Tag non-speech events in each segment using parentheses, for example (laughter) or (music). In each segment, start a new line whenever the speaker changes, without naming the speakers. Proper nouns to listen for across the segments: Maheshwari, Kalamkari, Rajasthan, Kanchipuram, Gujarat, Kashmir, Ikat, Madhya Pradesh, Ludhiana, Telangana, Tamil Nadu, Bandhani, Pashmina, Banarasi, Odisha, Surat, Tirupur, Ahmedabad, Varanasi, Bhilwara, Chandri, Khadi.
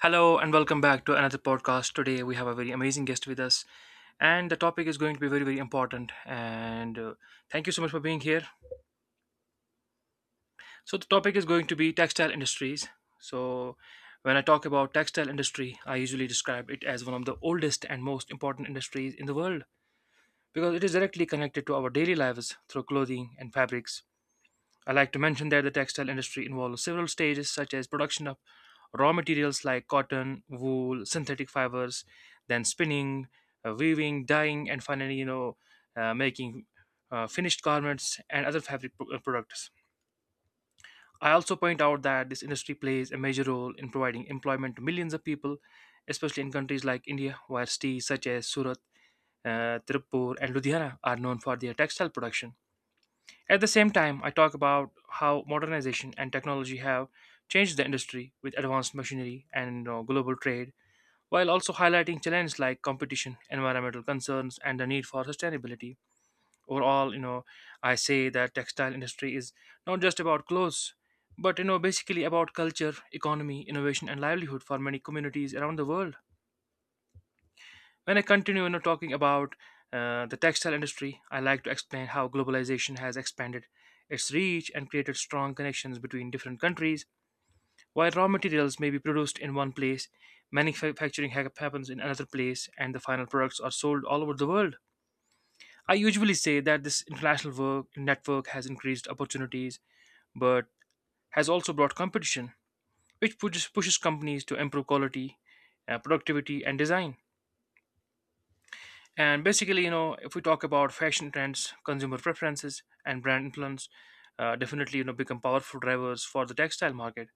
Hello and welcome back to another podcast. Today we have a very amazing guest with us, and the topic is going to be very very important. And Thank you so much for being here. So the topic is going to be textile industries. So when I talk about textile industry, I usually describe it as one of the oldest and most important industries in the world because it is directly connected to our daily lives through clothing and fabrics. I like to mention that the textile industry involves several stages, such as production of raw materials like cotton, wool, synthetic fibers, then spinning, weaving, dyeing, and finally, making finished garments and other fabric products. I also point out that this industry plays a major role in providing employment to millions of people, especially in countries like India, where cities such as Surat, Tirupur, and Ludhiana are known for their textile production. At the same time, I talk about how modernization and technology have changed the industry with advanced machinery and global trade, while also highlighting challenges like competition, environmental concerns, and the need for sustainability. Overall, I say that textile industry is not just about clothes, but basically about culture, economy, innovation, and livelihood for many communities around the world. When I continue talking about the textile industry, I like to explain how globalization has expanded its reach and created strong connections between different countries. While raw materials may be produced in one place, happens in another place, and the final products are sold all over the world. I usually say that this international work network has increased opportunities, but has also brought competition, which pushes companies to improve quality, productivity, and design. And basically, if we talk about fashion trends, consumer preferences, and brand influence, definitely become powerful drivers for the textile market,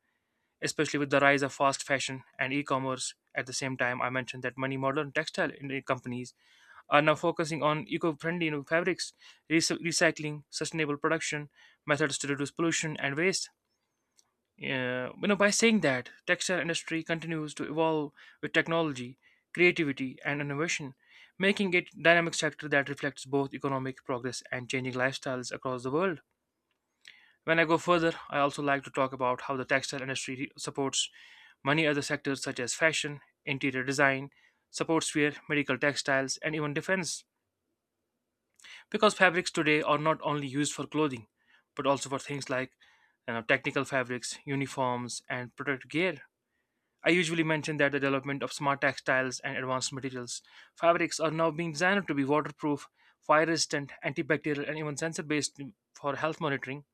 especially with the rise of fast fashion and e-commerce. At the same time, I mentioned that many modern textile companies are now focusing on eco-friendly fabrics, recycling, sustainable production methods to reduce pollution and waste. By saying that, textile industry continues to evolve with technology, creativity, and innovation, making it dynamic sector that reflects both economic progress and changing lifestyles across the world. When I go further, I also like to talk about how the textile industry supports many other sectors such as fashion, interior design, sportswear, medical textiles, and even defense. Because fabrics today are not only used for clothing, but also for things like technical fabrics, uniforms, and protective gear. I usually mention that the development of smart textiles and advanced materials. Fabrics are now being designed to be waterproof, fire resistant, antibacterial, and even sensor based for health monitoring.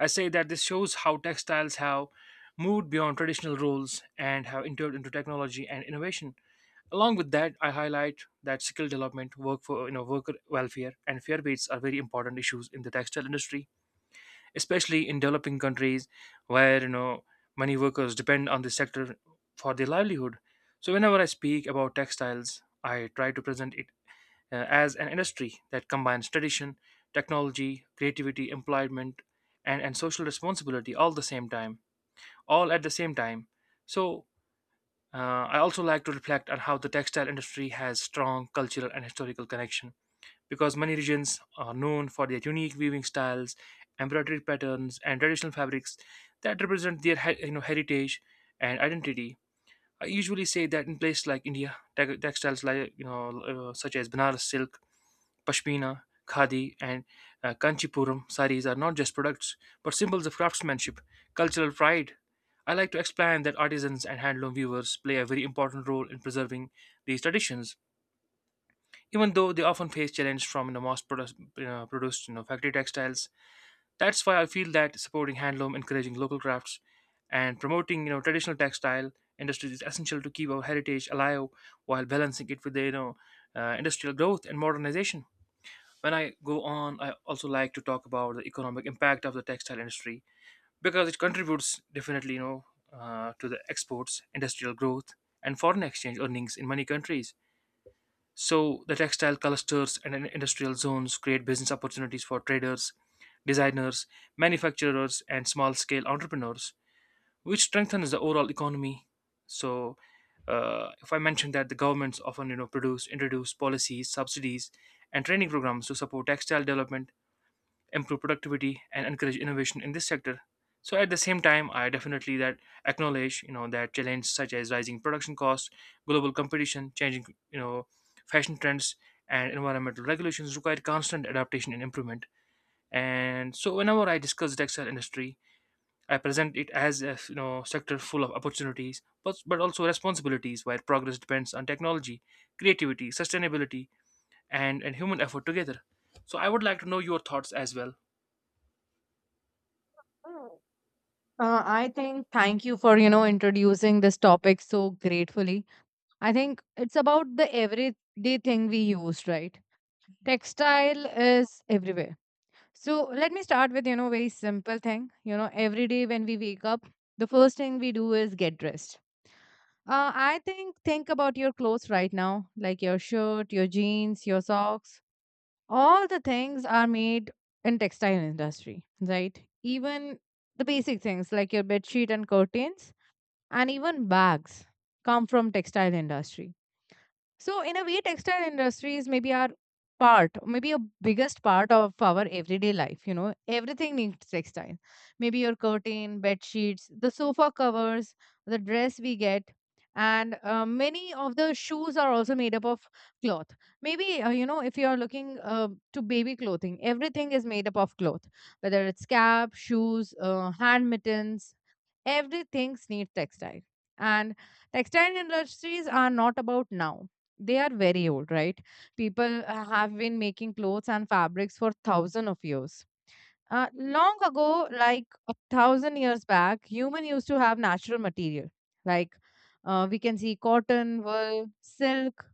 I say that this shows how textiles have moved beyond traditional roles and have entered into technology and innovation. Along with that, I highlight that skill development, work for you know worker welfare, and fair wages are very important issues in the textile industry, especially in developing countries where many workers depend on this sector for their livelihood. So whenever I speak about textiles, I try to present it as an industry that combines tradition, technology, creativity, employment, and social responsibility all at the same time. So uh, I also like to reflect on how the textile industry has strong cultural and historical connection because many regions are known for their unique weaving styles, embroidery patterns, and traditional fabrics that represent their heritage and identity. I usually say that in places like India, textiles such as Banaras silk, pashmina, khadi, and kanchipuram saris are not just products but symbols of craftsmanship, cultural pride. I like to explain that artisans and handloom weavers play a very important role in preserving these traditions, even though they often face challenge from mass produced factory textiles. That's why I feel that supporting handloom, encouraging local crafts, and promoting traditional textile industries is essential to keep our heritage alive while balancing it with the industrial growth and modernization. When I go on, I also like to talk about the economic impact of the textile industry because it contributes definitely to the exports, industrial growth, and foreign exchange earnings in many countries. So the textile clusters and industrial zones create business opportunities for traders, designers, manufacturers, and small-scale entrepreneurs, which strengthens the overall economy. So, if I mention that the governments often, you know, produce introduce policies, subsidies, and training programs to support textile development, improve productivity and encourage innovation in this sector. So at the same time, I definitely that acknowledge that challenges such as rising production costs, global competition, changing you know fashion trends, and environmental regulations require constant adaptation and improvement. And so whenever I discuss the textile industry, I present it as a sector full of opportunities but also responsibilities, where progress depends on technology, creativity, sustainability, and human effort together. So I would like to know your thoughts as well.
Hmm. I think thank you for introducing this topic so gratefully. I think it's about the everyday thing we use, right? Textile is everywhere. So let me start with very simple thing. You know, every day when we wake up, the first thing we do is get dressed. I think about your clothes right now, like your shirt, your jeans, your socks, all the things are made in textile industry, right? Even the basic things like your bed sheet and curtains and even bags come from textile industry. So in a way, textile industries maybe are part, maybe a biggest part of our everyday life. You know, everything needs textile. Maybe your curtain, bed sheets, the sofa covers, the dress we get, and many of the shoes are also made up of cloth. Maybe you know if you are looking to baby clothing, everything is made up of cloth, whether it's cap, shoes, hand mittens, everything needs textile. And textile industries are not about now, they are very old, right? People have been making clothes and fabrics for thousands of years. Long ago, like a thousand years back, human used to have natural material like, we can see cotton, wool, silk,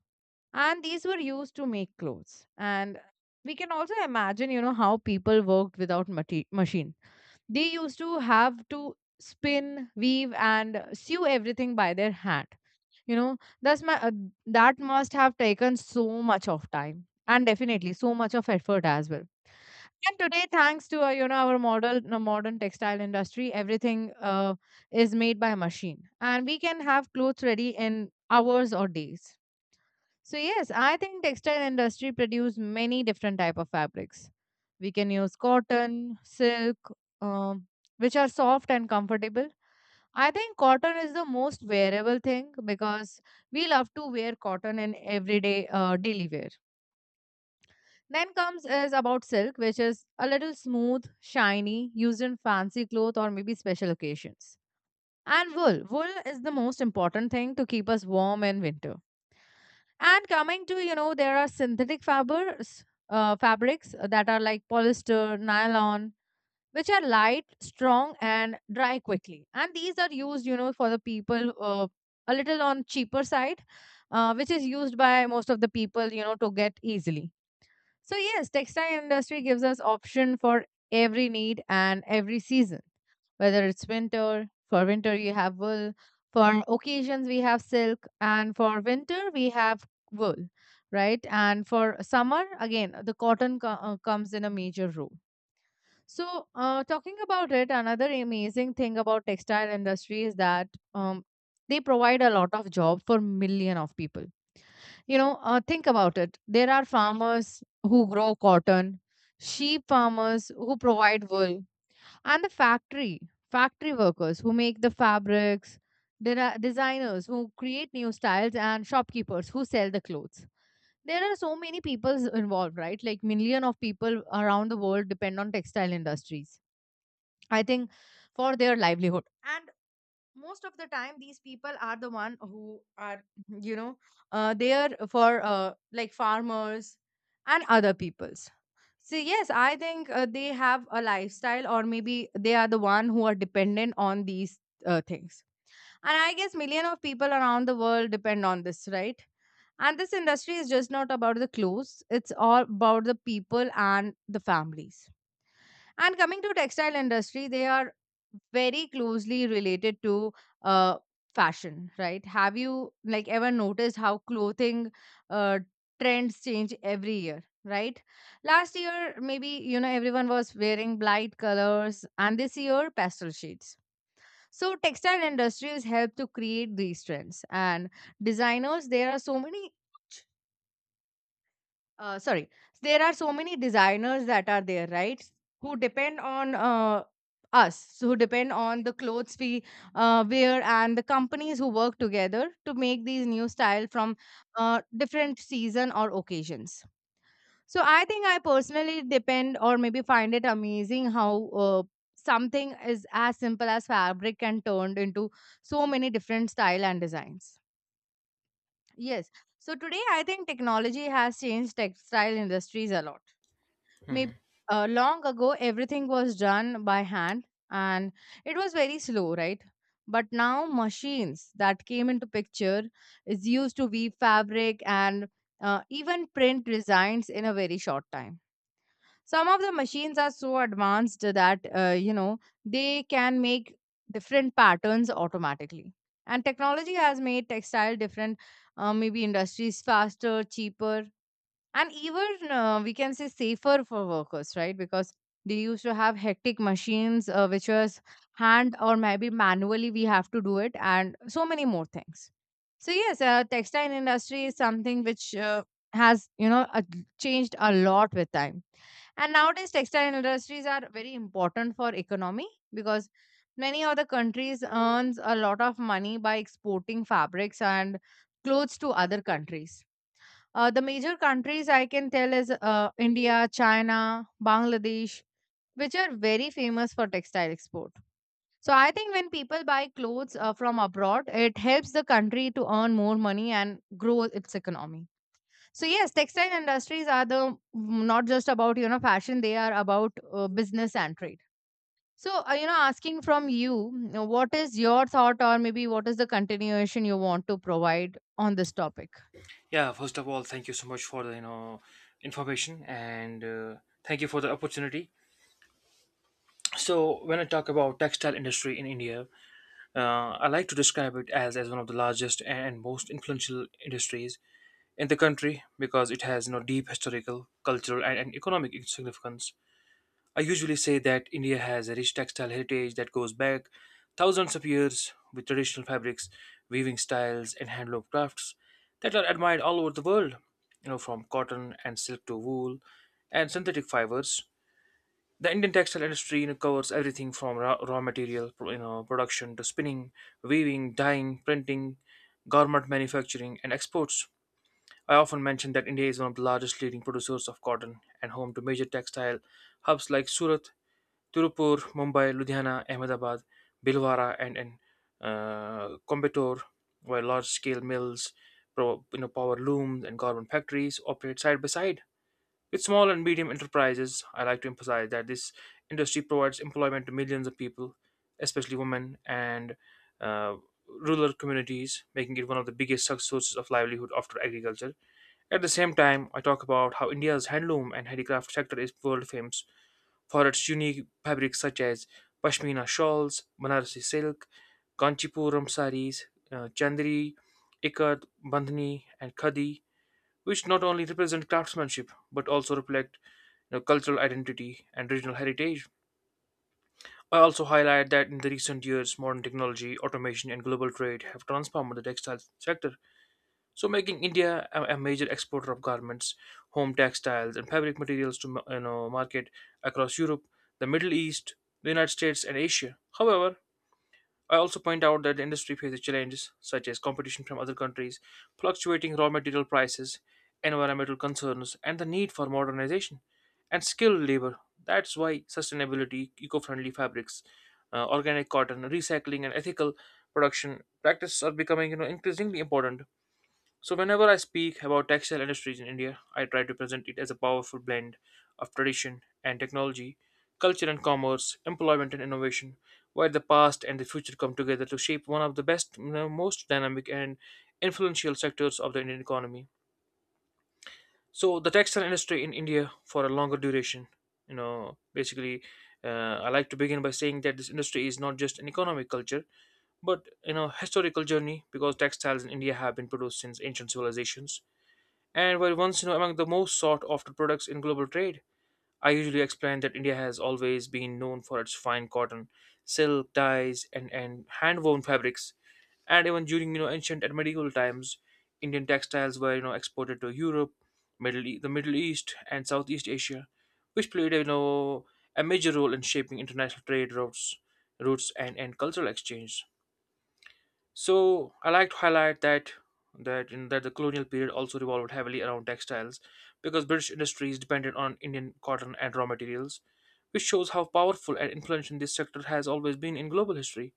and these were used to make clothes. And we can also imagine you know how people worked without machines. They used to have to spin, weave, and sew everything by their hand. You know, that's my uh, that must have taken so much of time and definitely so much of effort as well. And today, thanks to you know our modern textile industry, everything is made by machine, and we can have clothes ready in hours or days. So yes, I think textile industry produce many different type of fabrics. We can use cotton, silk, um, which are soft and comfortable. I think cotton is the most wearable thing because we love to wear cotton in everyday daily wear. Then comes is about silk, which is a little smooth, shiny, used in fancy clothes or maybe special occasions. And wool. Wool is the most important thing to keep us warm in winter. And coming to, you know, there are synthetic fibers, fabrics that are like polyester, nylon, which are light, strong, and dry quickly. And these are used, you know, for the people a little on cheaper side, which is used by most of the people, you know, to get easily. So yes, textile industry gives us option for every need and every season. Whether it's winter, for winter you have wool, for occasions we have silk, and for winter we have wool, right? And for summer again, the cotton comes in a major role. So talking about it, another amazing thing about textile industry is that um, they provide a lot of job for million of people, you know, think about it. There are farmers who grow cotton, sheep farmers who provide wool, and the factory workers who make the fabrics. There are designers who create new styles and shopkeepers who sell the clothes. There are so many people involved, right? Like million of people around the world depend on textile industries. I think for their livelihood. And most of the time these people are the one who are (clears throat) you know there for like farmers and other peoples. So yes, I think they have a lifestyle or maybe they are the one who are dependent on these things. And I guess million of people around the world depend on this, right? And this industry is just not about the clothes, it's all about the people and the families. And coming to textile industry, they are very closely related to uh, fashion, right? Have you like ever noticed how clothing uh, trends change every year? Right. Last year, maybe, you know, everyone was wearing bright colors and this year pastel shades. So textile industries help to create these trends. And designers, there are so many sorry there are so many designers that are there, right, who depend on us, who depend on the clothes we wear and the companies who work together to make these new style from different season or occasions. So I think I personally depend or maybe find it amazing how uh, something is as simple as fabric can turned into so many different style and designs. Yes. So today I think technology has changed textile industries a lot. Maybe
Mhm.
long ago everything was done by hand, and it was very slow, right? But now machines that came into picture is used to weave fabric and even print designs in a very short time. Some of the machines are so advanced that you know they can make different patterns automatically. And technology has made textile different, maybe industries faster, cheaper, and even we can say safer for workers, right? Because they used to have hectic machines which was hand or maybe manually we have to do it and so many more things. So yes, textile industry is something which has changed a lot with time. And nowadays textile industries are very important for economy, because many other countries earns a lot of money by exporting fabrics and clothes to other countries. The major countries I can tell is India, China, Bangladesh, which are very famous for textile export. So I think when people buy clothes from abroad, it helps the country to earn more money and grow its economy. So yes, textile industries are the not just about you know fashion; they are about business and trade. So you know, asking from you, you know, what is your thought, or maybe what is the continuation you want to provide on this topic?
Yeah, first of all, thank you so much for the information and thank you for the opportunity. So when I talk about textile industry in India, I like to describe it as one of the largest and most influential industries in the country because it has deep historical, cultural, and economic significance. I usually say that India has a rich textile heritage that goes back thousands of years, with traditional fabrics, weaving styles, and handloom crafts that are admired all over the world. You know, from cotton and silk to wool and synthetic fibers. The Indian textile industry, covers everything from raw material production to spinning, weaving, dyeing, printing, garment manufacturing, and exports. I often mention that India is one of the largest leading producers of cotton and home to major textile hubs like Surat, Tirupur, Mumbai, Ludhiana, Ahmedabad, Bilwara, and Coimbatore, where large-scale mills, power looms, and garment factories operate side by side. With small and medium enterprises, I like to emphasize that this industry provides employment to millions of people, especially women and uh, rural communities, making it one of the biggest sources of livelihood after agriculture. At the same time, I talk about how India's handloom and handicraft sector is world famous for its unique fabrics such as pashmina shawls, Banarasi silk, Kanchipuram saris, chandri, ikat, bandhani, and khadi, which not only represent craftsmanship but also reflect cultural identity and regional heritage. I also highlight that in the recent years, modern technology, automation, and global trade have transformed the textile sector, so making India a major exporter of garments, home textiles, and fabric materials to market across Europe, the Middle East, the United States, and Asia. However, I also point out that the industry faces challenges such as competition from other countries, fluctuating raw material prices, environmental concerns, and the need for modernization and skilled labor. That's why sustainability, eco-friendly fabrics, organic cotton, recycling, and ethical production practices are becoming increasingly important. So whenever I speak about textile industries in India, I try to present it as a powerful blend of tradition and technology, culture and commerce, employment and innovation, where the past and the future come together to shape one of the best, most dynamic and influential sectors of the Indian economy. So the textile industry in India for a longer duration, you know, basically, I like to begin by saying that this industry is not just an economic culture, but historical journey, because textiles in India have been produced since ancient civilizations and while once among the most sought after products in global trade. I usually explain that India has always been known for its fine cotton, silk, dyes, and hand woven fabrics. And even during ancient and medieval times, Indian textiles were exported to Europe, the Middle East, and Southeast Asia, which played a major role in shaping international trade routes and cultural exchange. So I like to highlight that that in that the colonial period also revolved heavily around textiles, because British industries depended on Indian cotton and raw materials, which shows how powerful and influential this sector has always been in global history.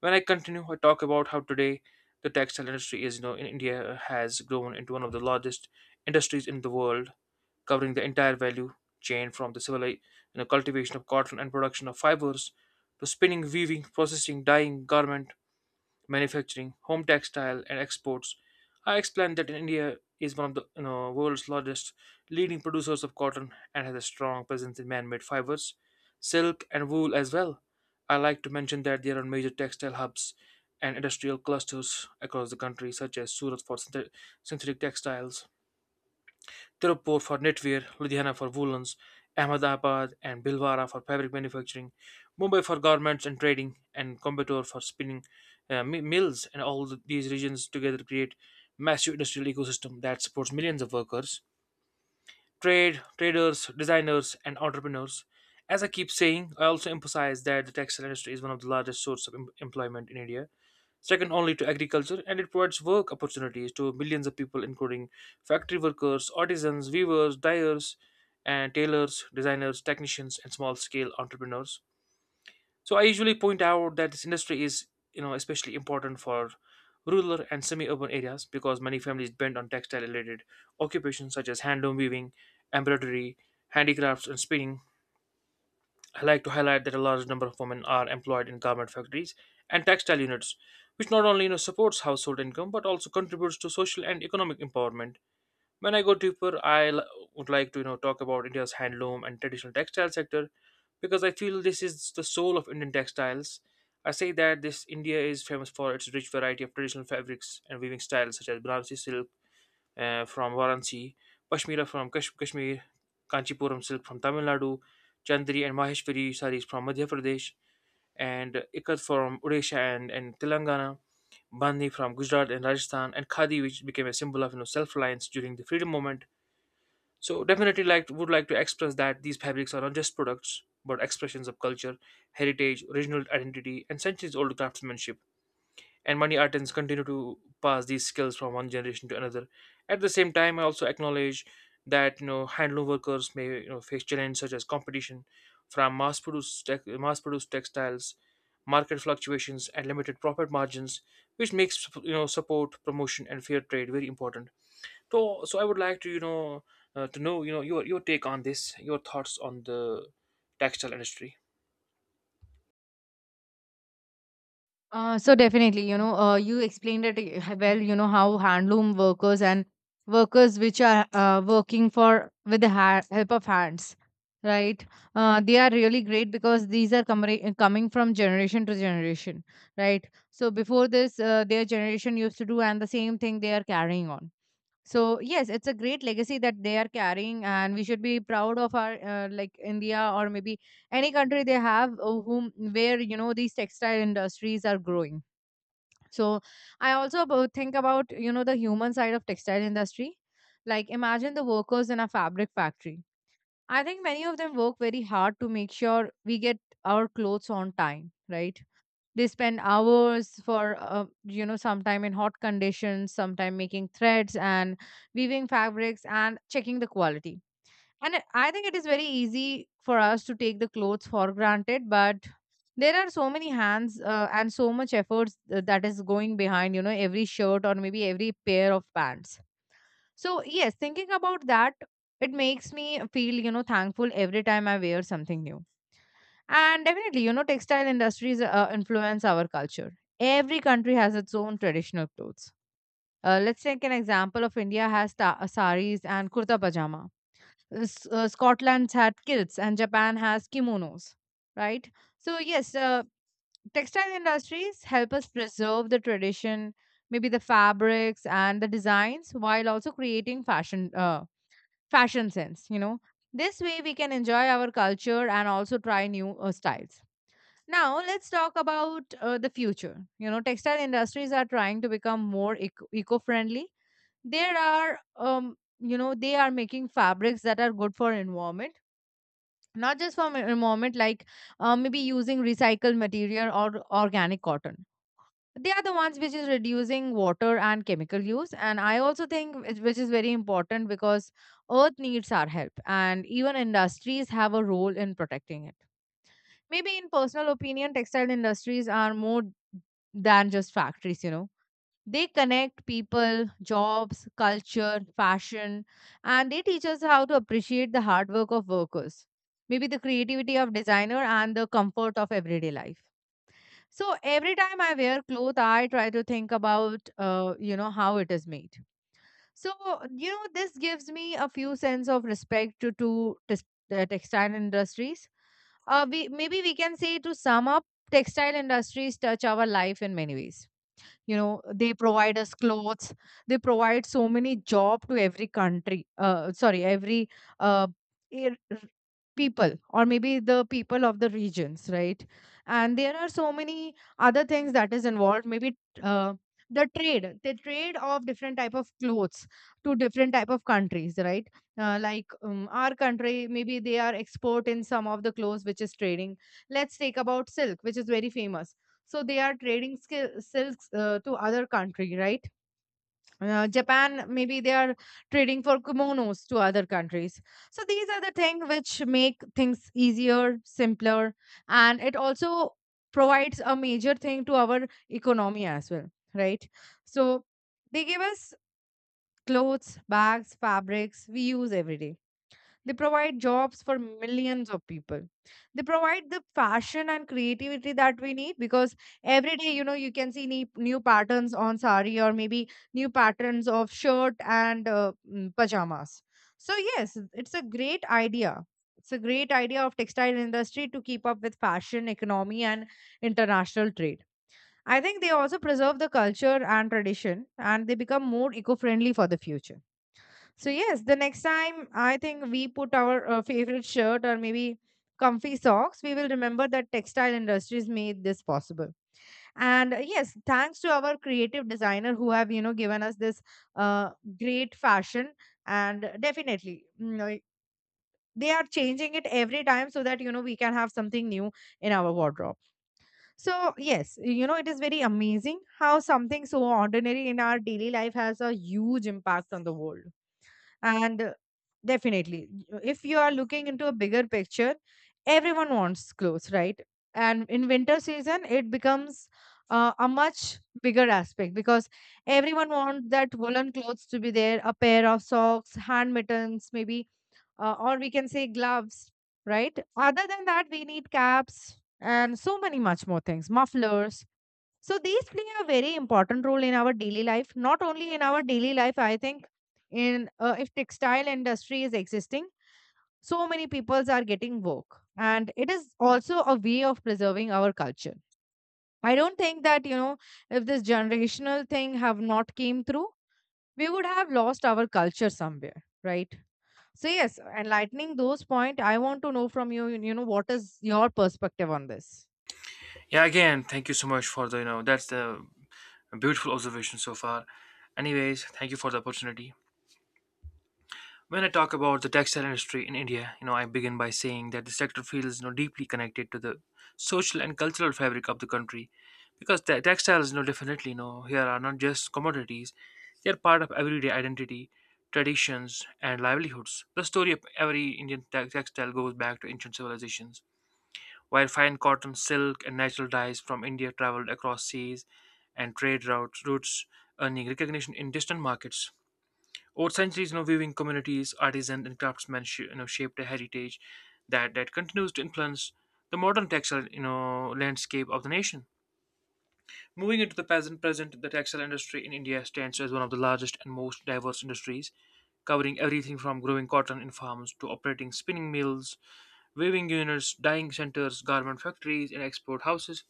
When I continue, I talk about how today the textile industry is in India has grown into one of the largest industries in the world, covering the entire value chain from the cultivation of cotton and production of fibers to spinning, weaving, processing, dyeing, garment manufacturing, home textile, and exports. I explained that India is one of the world's largest leading producers of cotton and has a strong presence in man-made fibers, silk, and wool as well. I like to mention that there are major textile hubs and industrial clusters across the country, such as Surat for synthetic textiles, Tirupur for knitwear, Ludhiana for woolens, Ahmedabad and Bhilwara for fabric manufacturing, Mumbai for garments and trading, and Coimbatore for spinning mills. And all these regions together create massive industrial ecosystem that supports millions of workers, trade, traders, designers, and entrepreneurs. As I keep saying, I also emphasize that the textile industry is one of the largest source of employment in India, second only to agriculture, and it provides work opportunities to millions of people, including factory workers, artisans, weavers, dyers, and tailors, designers, technicians, and small-scale entrepreneurs. So I usually point out that this industry is, you know, especially important for rural and semi-urban areas because many families depend on textile-related occupations such as hand-loom weaving, embroidery, handicrafts, and spinning. I like to highlight that a large number of women are employed in garment factories and textile units, which not only supports household income but also contributes to social and economic empowerment. When I go deeper, would like to talk about India's handloom and traditional textile sector because I feel this is the soul of Indian textiles. I say that this India is famous for its rich variety of traditional fabrics and weaving styles such as Banarasi silk from Varanasi, Pashmira from Kashmir, Kanchipuram silk from Tamil Nadu, Chandri and Maheshwari sarees from Madhya Pradesh, and Ikat from Odisha and Telangana, Bandhi from Gujarat and Rajasthan, and Khadi, which became a symbol of self-reliance during the freedom movement. So definitely like would like to express that these fabrics are not just products but expressions of culture, heritage, original identity, and centuries-old craftsmanship, and money artisans continue to pass these skills from one generation to another. At the same time, I also acknowledge that handloom workers may face challenges such as competition from mass-produced textiles, market fluctuations, and limited profit margins, which makes support, promotion, and fair trade very important. So, I would like to to know your take on this, your thoughts on the textile industry.
So definitely, you know, you explained it well, you know, how handloom workers and workers which are working for with the help of hands, right? They are really great because these are coming from generation to generation, right? So before this, their generation used to do and the same thing they are carrying on. So yes, it's a great legacy that they are carrying and we should be proud of our like India, or maybe any country they have whom where you know these textile industries are growing. So I also about think about you know the human side of textile industry. Like imagine the workers in a fabric factory. I think many of them work very hard to make sure we get our clothes on time, right? They spend hours for you know sometime in hot conditions, sometime making threads and weaving fabrics and checking the quality. And I think it is very easy for us to take the clothes for granted, but there are so many hands and so much efforts that is going behind you know every shirt or maybe every pair of pants. So yes, thinking about that, it makes me feel you know thankful every time I wear something new. And definitely, you know, textile industries influence our culture. Every country has its own traditional clothes. Let's take an example of India has saris and kurta pajama. Scotland's had kilts and Japan has kimonos, right? So yes, textile industries help us preserve the tradition, maybe the fabrics and the designs, while also creating fashion sense. You know, this way we can enjoy our culture and also try new styles. Now let's talk about the future. You know, textile industries are trying to become more eco-friendly. There are, you know, they are making fabrics that are good for environment, not just for environment, like maybe using recycled material or organic cotton. They are the ones which is reducing water and chemical use, and I also think which is very important because Earth needs our help, and even industries have a role in protecting it. Maybe in personal opinion, textile industries are more than just factories, you know. They connect people, jobs, culture, fashion, and they teach us how to appreciate the hard work of workers. Maybe the creativity of designer and the comfort of everyday life. So every time I wear clothes, I try to think about, you know, how it is made. So this gives me a few sense of respect to textile industries. Uh, we maybe we can say, to sum up, textile industries touch our life in many ways. You know, they provide us clothes, they provide so many job to every country, sorry, every uh, ir- people, or maybe the people of the regions, right? And there are so many other things that is involved, maybe uh, the trade of different type of clothes to different type of countries, right? Like our country, maybe they are export in some of the clothes which is trading. Let's take about silk, which is very famous. So they are trading skill, silks to other country, right? Japan, maybe they are trading for kimonos to other countries. So these are the things which make things easier, simpler, and it also provides a major thing to our economy as well, right? So they give us clothes, bags, fabrics we use every day. They provide jobs for millions of people. They provide the fashion and creativity that we need, because every day, you know, you can see new patterns on sari, or maybe new patterns of shirt and pajamas. So yes, it's a great idea. It's a great idea of textile industry to keep up with fashion, economy, and international trade. I think they also preserve the culture and tradition, and they become more eco-friendly for the future. So yes, the next time I think we put our favorite shirt, or maybe comfy socks, we will remember that textile industries made this possible. And yes, thanks to our creative designer who have, you know, given us this uh, great fashion. And definitely, you know, they are changing it every time, so that you know we can have something new in our wardrobe. So yes, you know it is very amazing how something so ordinary in our daily life has a huge impact on the world. And definitely, if you are looking into a bigger picture, everyone wants clothes, right? And in winter season, it becomes a much bigger aspect, because everyone wants that woolen clothes to be there, a pair of socks, hand mittens, maybe, or we can say gloves, right? Other than that, we need caps and so many much more things, mufflers, so these play a very important role in our daily life. Not only in our daily life, I think, in if textile industry is existing, so many peoples are getting work, and it is also a way of preserving our culture. I don't think that you know, if this generational thing have not came through, we would have lost our culture somewhere, right? So yes, enlightening those point, I want to know from you. You know, what is your perspective on this?
Yeah, again, thank you so much for the that's the a beautiful observation so far. Anyways, thank you for the opportunity. When I talk about the textile industry in India, you know, I begin by saying that the sector feels deeply connected to the social and cultural fabric of the country, because the textiles, you know, definitely, you know, here are not just commodities; they are part of everyday identity, traditions, and livelihoods. The story of every Indian textile goes back to ancient civilizations while fine cotton, silk, and natural dyes from India traveled across seas and trade routes, earning recognition in distant markets. Over centuries, you know, weaving communities, artisans, and craftsmen you know, shaped a heritage that continues to influence the modern textile landscape of the nation. Moving into the present, the textile industry in India stands as one of the largest and most diverse industries, covering everything from growing cotton in farms to operating spinning mills, weaving units, dyeing centers, garment factories, and export houses.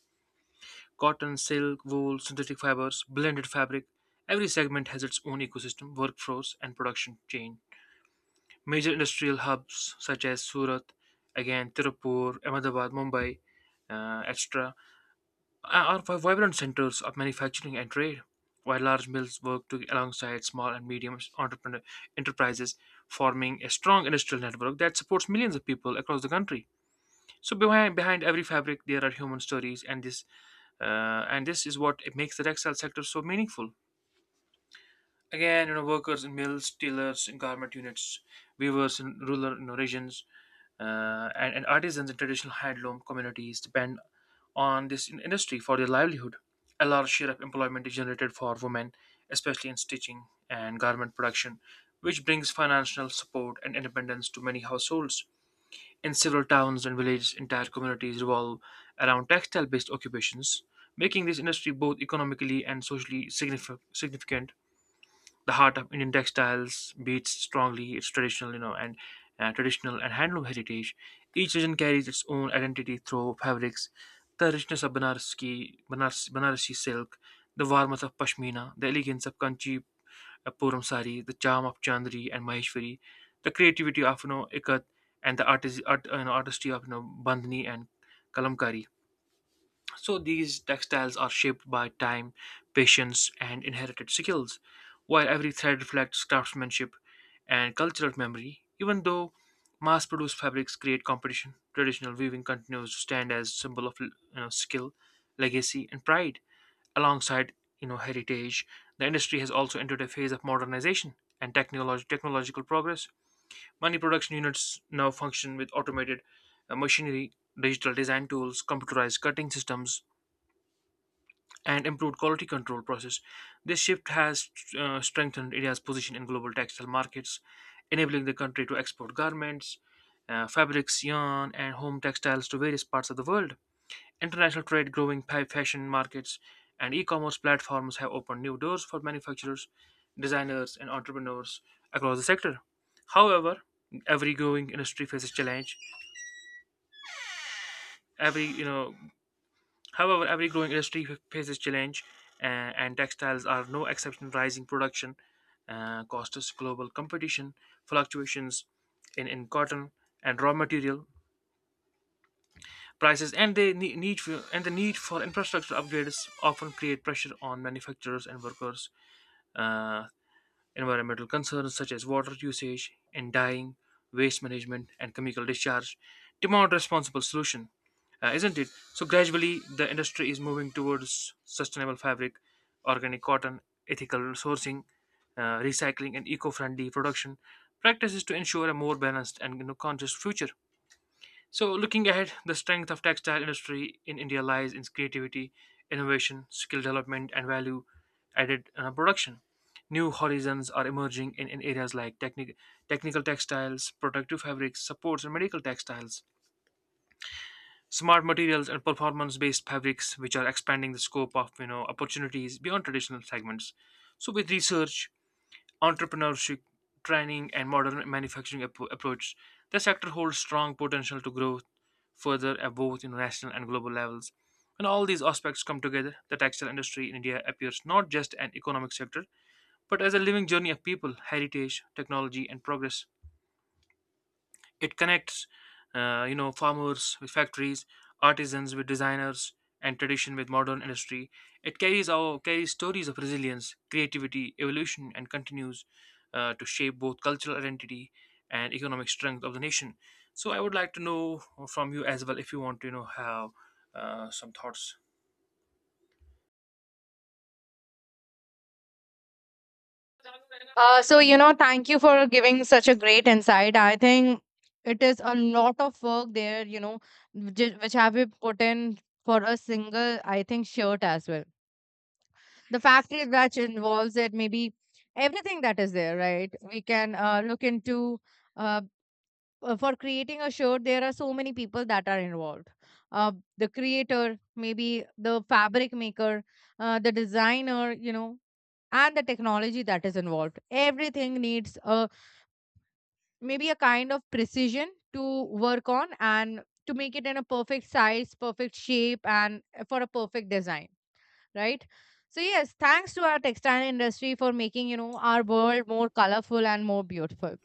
Cotton, silk, wool, synthetic fibers, blended fabric. Every segment has its own ecosystem, workforce, and production chain. Major industrial hubs such as Surat, again Tirupur, Ahmedabad, Mumbai, etc., are vibrant centers of manufacturing and trade, while large mills work to, alongside small and medium entrepreneur enterprises, forming a strong industrial network that supports millions of people across the country. So behind every fabric, there are human stories, and this is what it makes the textile sector so meaningful. Again, you know, workers in mills, tailors, in garment units, weavers in rural regions, and artisans in traditional handloom communities depend on this industry for their livelihood. A large share of employment is generated for women, especially in stitching and garment production, which brings financial support and independence to many households. In several towns and villages, entire communities revolve around textile based occupations, making this industry both economically and socially significant. The heart of Indian textiles beats strongly its traditional, you know, and traditional and handloom heritage. Each region carries its own identity through fabrics, the richness of Banarasi silk, the warmth of Pashmina, the elegance of Kanchi Puram sari, the charm of Chandri and Maheshwari, the creativity of Ikat, and the artistry of Bandhani and Kalamkari. So these textiles are shaped by time, patience, and inherited skills, while every thread reflects craftsmanship and cultural memory. Even though mass produced fabrics create competition, traditional weaving continues to stand as symbol of skill, legacy, and pride. Alongside heritage, the industry has also entered a phase of modernization and technological progress. Many production units now function with automated machinery, digital design tools, computerized cutting systems, and improved quality control process. This shift has strengthened India's position in global textile markets, enabling the country to export garments, fabrics, yarn, and home textiles to various parts of the world. International trade, growing fashion markets, and e commerce platforms have opened new doors for manufacturers, designers, and entrepreneurs across the sector. However, every growing industry faces challenge. Every you know However, every growing industry faces challenge, uh, and textiles are no exception. Rising production costs, global competition, fluctuations in cotton and raw material prices, and the ne- need for, and the need for infrastructure upgrades often create pressure on manufacturers and workers. Uh, Environmental concerns such as water usage and dyeing, waste management, and chemical discharge demand responsible solution, isn't it? So gradually, the industry is moving towards sustainable fabric, organic cotton, ethical sourcing, recycling, and eco-friendly production practices to ensure a more balanced and conscious future. So, looking ahead, the strength of textile industry in India lies in its creativity, innovation, skill development, and value added production. New horizons are emerging in areas like technical textiles, protective fabrics, supports, and medical textiles. Smart materials and performance-based fabrics, which are expanding the scope of opportunities beyond traditional segments. So, with research, entrepreneurship, training, and modern manufacturing approach. The sector holds strong potential to grow further at both national and global levels. When all these aspects come together, the textile industry in India appears not just an economic sector, but as a living journey of people, heritage, technology, and progress. It connects, farmers with factories, artisans with designers, and tradition with modern industry. It carries stories of resilience, creativity, evolution, and continues to shape both cultural identity and economic strength of the nation. So, I would like to know from you as well if you want to, you know, have some thoughts.
So, you know, thank you for giving such a great insight. I think it is a lot of work there, you know, which have been put in for a single, I think, shirt as well. The factory batch involves it, maybe everything that is there, right? We can look into, uh, for creating a shirt, there are so many people that are involved. The creator, maybe the fabric maker, the designer, you know, and the technology that is involved. Everything needs a, maybe, a kind of precision to work on, and to make it in a perfect size, perfect shape, and for a perfect design, right? So yes, thanks to our textile industry for making, you know, our world more colorful and more beautiful.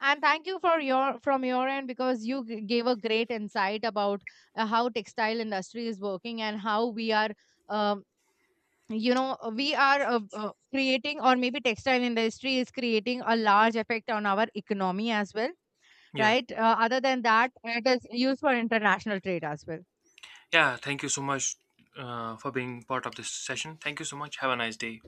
And thank you for your, from your end, because you gave a great insight about how textile industry is working, and how we are, um, you know, we are creating, or maybe textile industry is creating a large effect on our economy as well,
Yeah,
right? Other than that, it is used for international trade as well.
yeah. Thank you so much for being part of this session. Thank you so much. Have a nice day.